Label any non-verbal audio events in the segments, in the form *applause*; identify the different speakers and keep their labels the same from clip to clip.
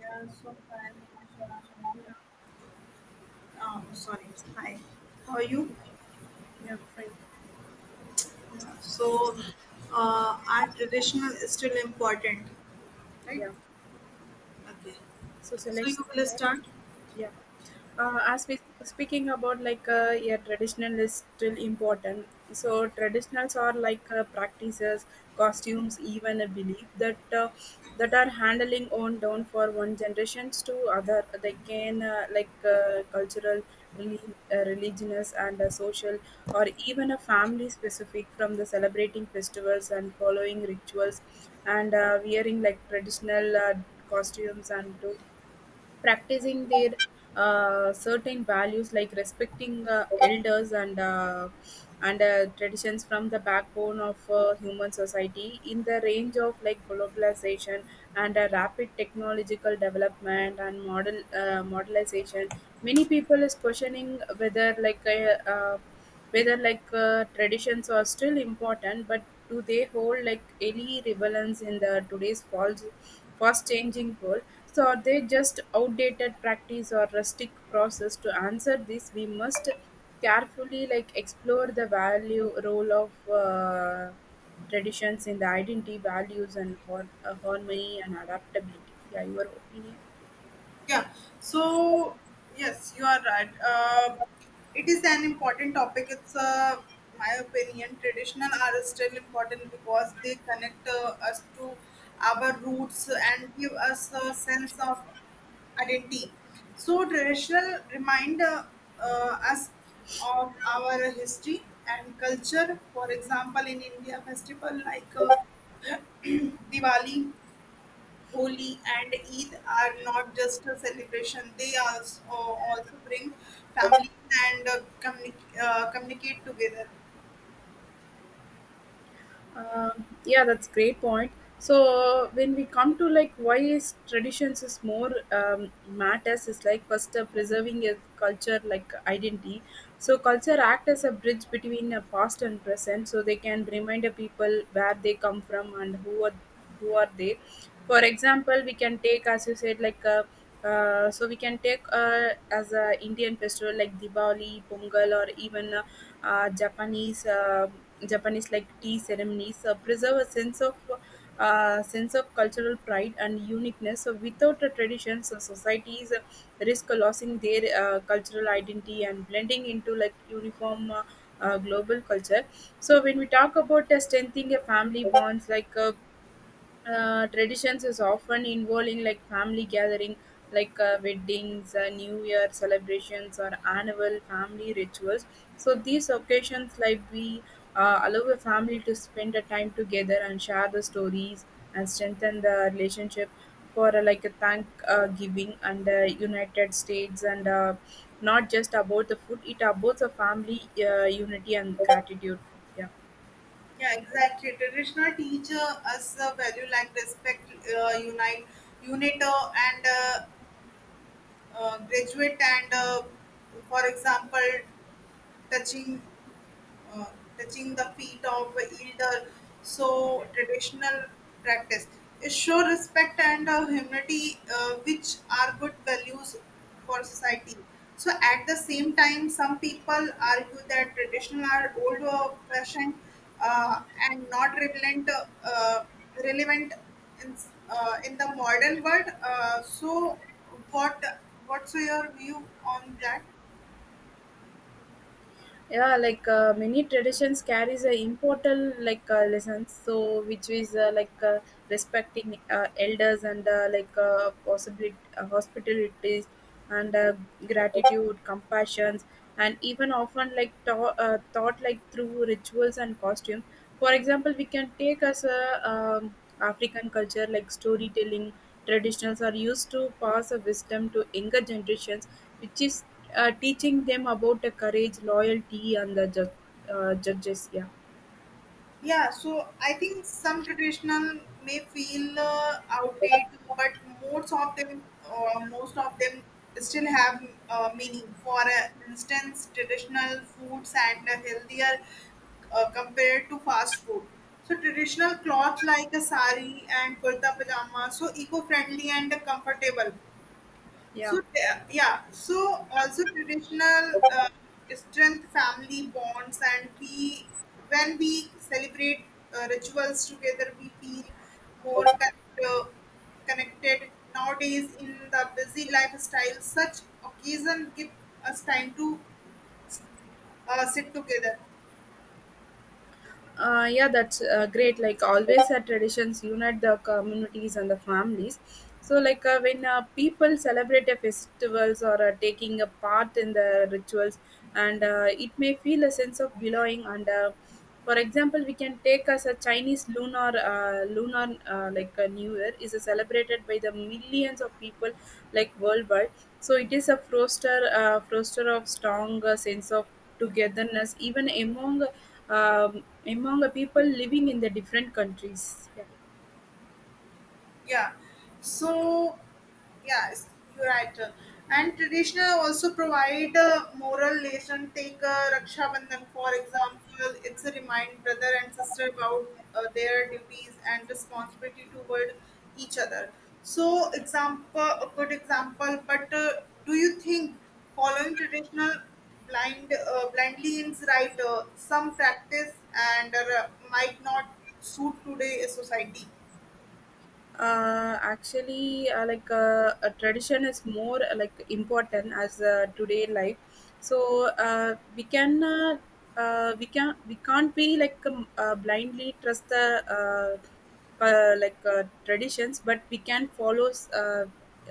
Speaker 1: Yeah, so hi, Manisha. How are you? Sorry. Hi. How are you?
Speaker 2: Yeah, fine.
Speaker 1: So,
Speaker 2: So,
Speaker 1: are traditional is still important, right?
Speaker 2: yeah.
Speaker 1: Okay.
Speaker 2: So
Speaker 1: So
Speaker 2: select
Speaker 1: you will
Speaker 2: that.
Speaker 1: start.
Speaker 2: Yeah. As we speaking about like yeah, traditional is still important, so traditionals are like practices, costumes, even a belief that that are handling on down for one generations to other. They can like cultural, religious, and social, or even a family specific from the celebrating festivals and following rituals, and wearing like traditional costumes, and to practicing their certain values like respecting elders, and traditions from the backbone of human society. In the range of like globalization and rapid technological development and modelization, many people is questioning whether like traditions are still important, but do they hold like any relevance in the today's false, fast changing world? So are they just outdated practice or rustic process? To answer this, we must carefully like explore the value role of traditions in the identity, values, and harmony, and adaptability. Yeah, your opinion.
Speaker 1: Yeah. So yes, you are right. It is an important topic. It's my opinion. Traditional are still important because they connect us to our roots and give us a sense of identity. So traditional remind us of our history and culture. For example, in India, festival like *clears throat* Diwali, Holi and Eid are not just a celebration; they also bring families and communicate together.
Speaker 2: Yeah, that's great point. So when we come to like why is traditions is more matters is like first, preserving a culture like identity. So culture act as a bridge between a past and present. So they can remind the people where they come from and who are they. For example, we can take as you said like so we can take as a Indian festival like Diwali, Pongal, or even Japanese, Japanese like tea ceremonies preserve a sense of cultural pride and uniqueness. So without a tradition, so societies risk losing their cultural identity and blending into like uniform, global culture. So when we talk about strengthening a family bonds, like traditions is often involving like family gathering, like weddings, new year celebrations, or annual family rituals. So these occasions like we allow a family to spend a time together and share the stories and strengthen the relationship. For like a thank giving and united states, and not just about the food, it about the family unity and gratitude. Yeah.
Speaker 1: Yeah, exactly. Traditional teach us a value like respect, unite, unit, and graduate. And For example, touching uh, touching the feet of elder, so traditional practice. It show respect and humility, which are good values for society. So at the same time, some people argue that traditional are old fashioned uh, and not relevant, relevant in, in the modern world. So what what's your view on that?
Speaker 2: Yeah, like many traditions carries a important like lessons, so which is like respecting elders, and like possibility, hospitalities, and gratitude, compassions, and even often like taught like through rituals and costume. For example, we can take as a african culture like storytelling traditions are used to pass a wisdom to younger generations, which is teaching them about the courage, loyalty, and the judges. Yeah,
Speaker 1: Yeah, so I think some traditional may feel outdated, but most of them, still have meaning. For instance, traditional foods and healthier compared to fast food. So traditional clothes like a sari and kurta pajama, so eco-friendly and comfortable.
Speaker 2: yeah,
Speaker 1: So yeah, so also traditional strength family bonds, and we when we celebrate rituals together, we feel more uh, connected. Nowadays, in the busy lifestyle, such occasion give us time to sit together.
Speaker 2: yeah. That's great. Like always, our traditions unite the communities and the families. So, like when people celebrate a festivals or taking a part in the rituals, and it may feel a sense of belonging. And for example, we can take as a Chinese lunar lunar like a New Year is celebrated by the millions of people like worldwide. So it is a foster, foster of strong sense of togetherness, even among among the people living in the different countries. Yeah.
Speaker 1: Yeah. So yes, you're right, and traditional also provide a moral lesson. Take raksha bandhan for example. It's a remind brother and sister about their duties and responsibility toward each other. So example a good example. But do you think following traditional blindly is right? Some practice and might not suit today society.
Speaker 2: Actually, like a tradition is more like important as today life. So we can we can't be like blindly trust the like traditions, but we can follow uh,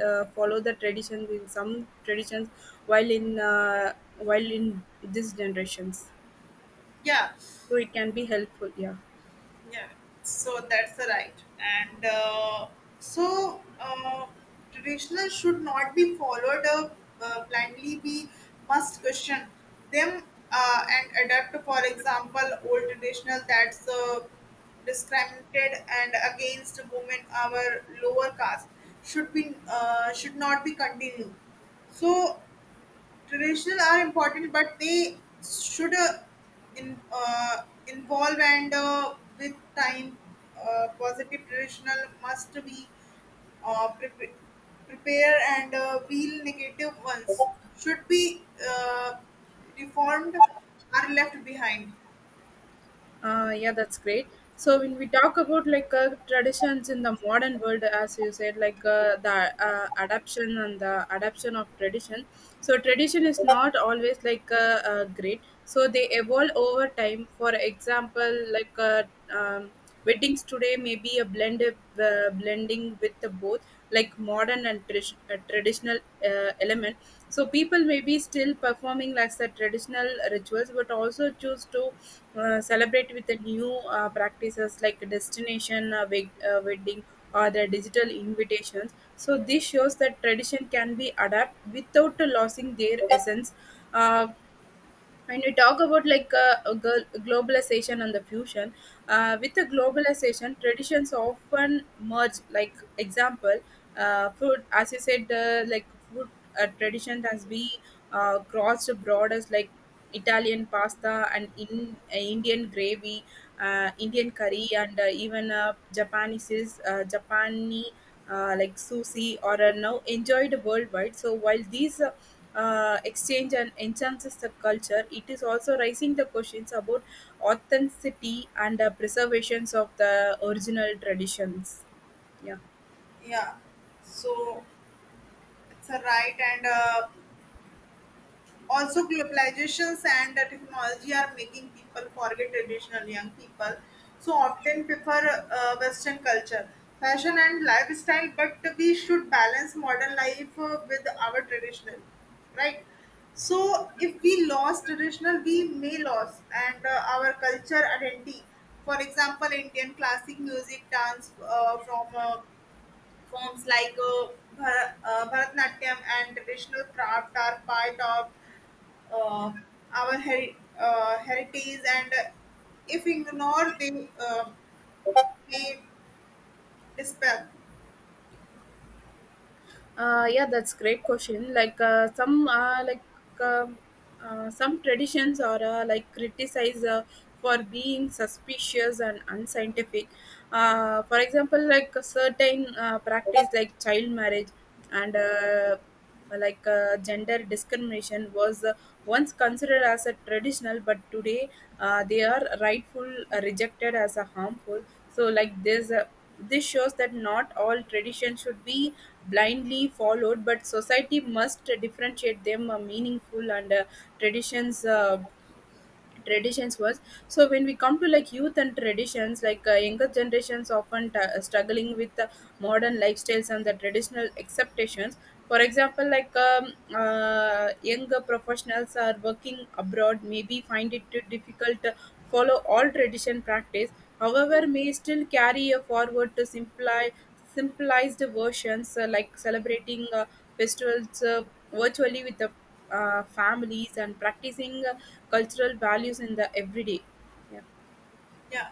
Speaker 2: follow the traditions in some traditions, while in uh, while in these generations,
Speaker 1: Yeah.
Speaker 2: so it can be helpful. Yeah.
Speaker 1: Yeah, so that's the right. and so Traditional should not be followed up blindly. We must question them, and adapt. For example, old traditional that's discriminated and against women our lower caste should be should not be continued. So traditional are important, but they should in, uh, involve and with time, positive traditional must be uh, prep- prepare and wheel negative ones should be reformed are left behind.
Speaker 2: Yeah, that's great. So when we talk about like traditions in the modern world, as you said, like the adaption and the adaption of tradition. So tradition is not always like great. So they evolve over time. For example, like um, weddings today may be a blend of, blending with the both like modern and traditional element. So people may be still performing like the traditional rituals, but also choose to celebrate with the new practices like destination wedding or the digital invitations. So this shows that tradition can be adapted without losing their essence. Uh, when we talk about like a globalization and the fusion, with the globalization, traditions often merge, like example, food, as you said, like food tradition has been crossed borders, like italian pasta, and in indian gravy, indian curry, and even japanese is japani like sushi, or are now enjoyed worldwide. So while these exchange and enhances the culture, it is also raising the questions about authenticity and preservations of the original traditions. Yeah,
Speaker 1: Yeah, so it's a right. and Also globalizations and technology are making people forget traditional. Young people so often prefer western culture, fashion and lifestyle, but we should balance modern life with our traditional, right? So if we lost traditional we may lose and our culture identity. For example, indian classic music dance from forms like Bharatnatyam and traditional craft are part of uh, our heritage, and if ignored, they may disappear.
Speaker 2: yeah, that's great question. Like some uh, some traditions are like criticized for being suspicious and unscientific. For example, like a certain practice like child marriage and like gender discrimination was once considered as a traditional, but today they are rightful rejected as a harmful. So like this this shows that not all traditions should be blindly followed, but society must differentiate them meaningful and traditions uh, traditions was. So when we come to like youth and traditions, like younger generations often struggling with modern lifestyles and the traditional expectations. For example, like younger professionals are working abroad maybe find it too difficult to follow all tradition practice. However, may still carry a forward to simplify simplified versions, like celebrating festivals virtually with the families, and practicing cultural values in the everyday. Yeah.
Speaker 1: Yeah.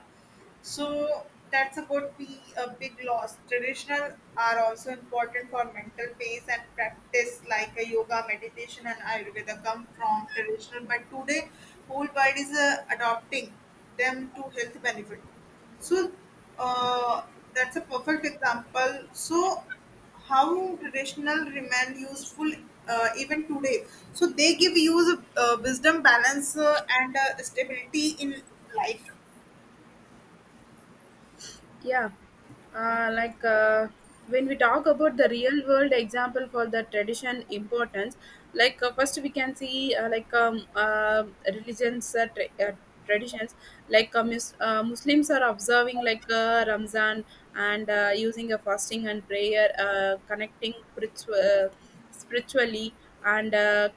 Speaker 1: So that's about be a big loss. Traditional are also important for mental peace and practice like a yoga, meditation, and Ayurveda come from traditional. But today, whole world is adopting them to health benefit. So uh, that's a perfect example. So how traditional remain useful even today? So they give you wisdom, balance, and stability in life.
Speaker 2: Yeah, like when we talk about the real world example for the tradition importance, like first we can see like religions traditions. Like Muslims are observing like Ramzan, and using a fasting and prayer, connecting spiritually, and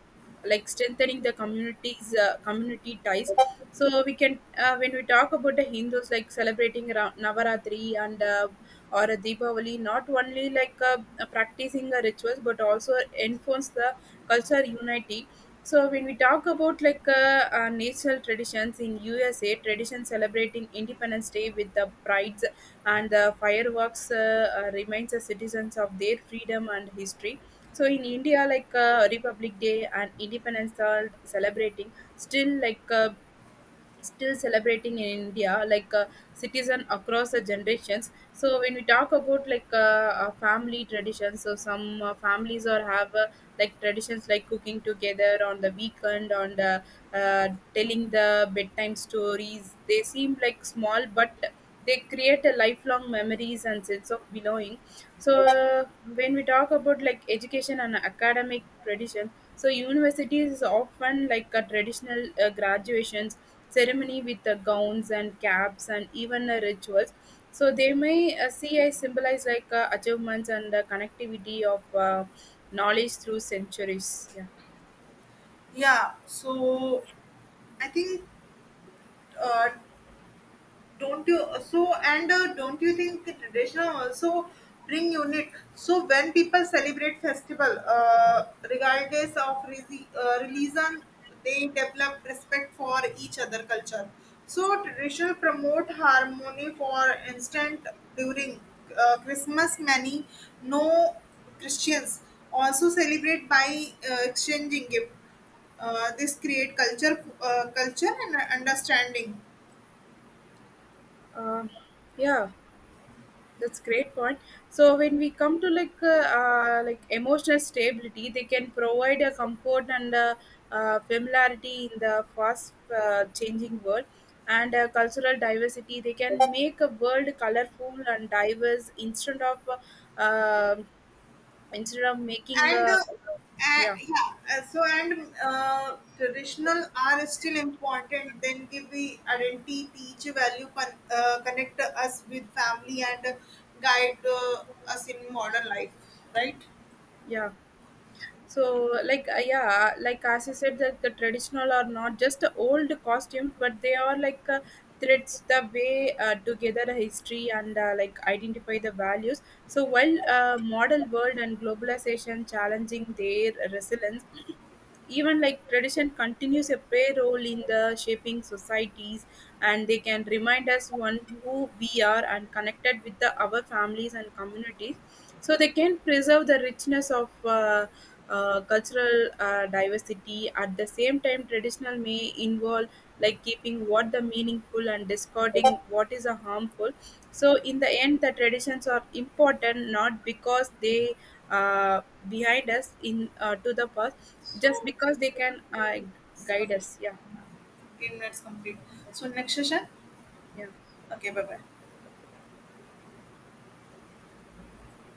Speaker 2: like strengthening the communities community ties. So we can, when we talk about the Hindus like celebrating Navaratri, and or a Deepavali, not only like practicing the rituals but also enforce the culture unity. So when we talk about like national traditions in USA, tradition celebrating Independence Day with the prides and the fireworks, reminds the citizens of their freedom and history. So in India, like Republic Day and Independence are celebrating still, celebrating in India, like citizen across the generations. So when we talk about like family traditions, so some families or have like traditions like cooking together on the weekend, on the telling the bedtime stories. They seem like small, but they create a lifelong memories and sense of belonging. So when we talk about like education and academic tradition, so universities is often like a traditional graduations ceremony with the gowns and caps and even rituals. So they may see as symbolize like achievements and the connectivity of knowledge through centuries. Yeah.
Speaker 1: Yeah, so I think uh, don't you think the traditional also bring unit? So when people celebrate festival, regardless of religion, they develop respect for each other culture. So traditional promote harmony. For instance, during Christmas, many no Christians also celebrate by exchanging gift. This create culture culture and understanding.
Speaker 2: Um yeah, that's great point. So when we come to like emotional stability, they can provide a comfort and familiarity in the fast, changing world, and cultural diversity. They can make a world colorful and diverse uh, instead of making
Speaker 1: And
Speaker 2: yeah.
Speaker 1: yeah so and Traditional are still important then give we identity teach value connect us with family and guide us in modern life, right?
Speaker 2: Yeah, so like yeah, like as you said that the traditional are not just the old costumes, but they are like threads the way together a history and like identify the values. So while modern world and globalization challenging their resilience, even like tradition continues a play role in the shaping societies, and they can remind us one who we are and connected with the our families and communities. So they can preserve the richness of cultural diversity. At the same time, traditional may involve like keeping what the meaningful and discarding what is a harmful. So in the end, the traditions are important not because they uh, behind us in to the past, just
Speaker 1: So
Speaker 2: because they can
Speaker 1: it's
Speaker 2: guide
Speaker 1: com-
Speaker 2: us. Yeah,
Speaker 1: 15 minutes complete. So next session.
Speaker 2: yeah.
Speaker 1: Okay, bye bye.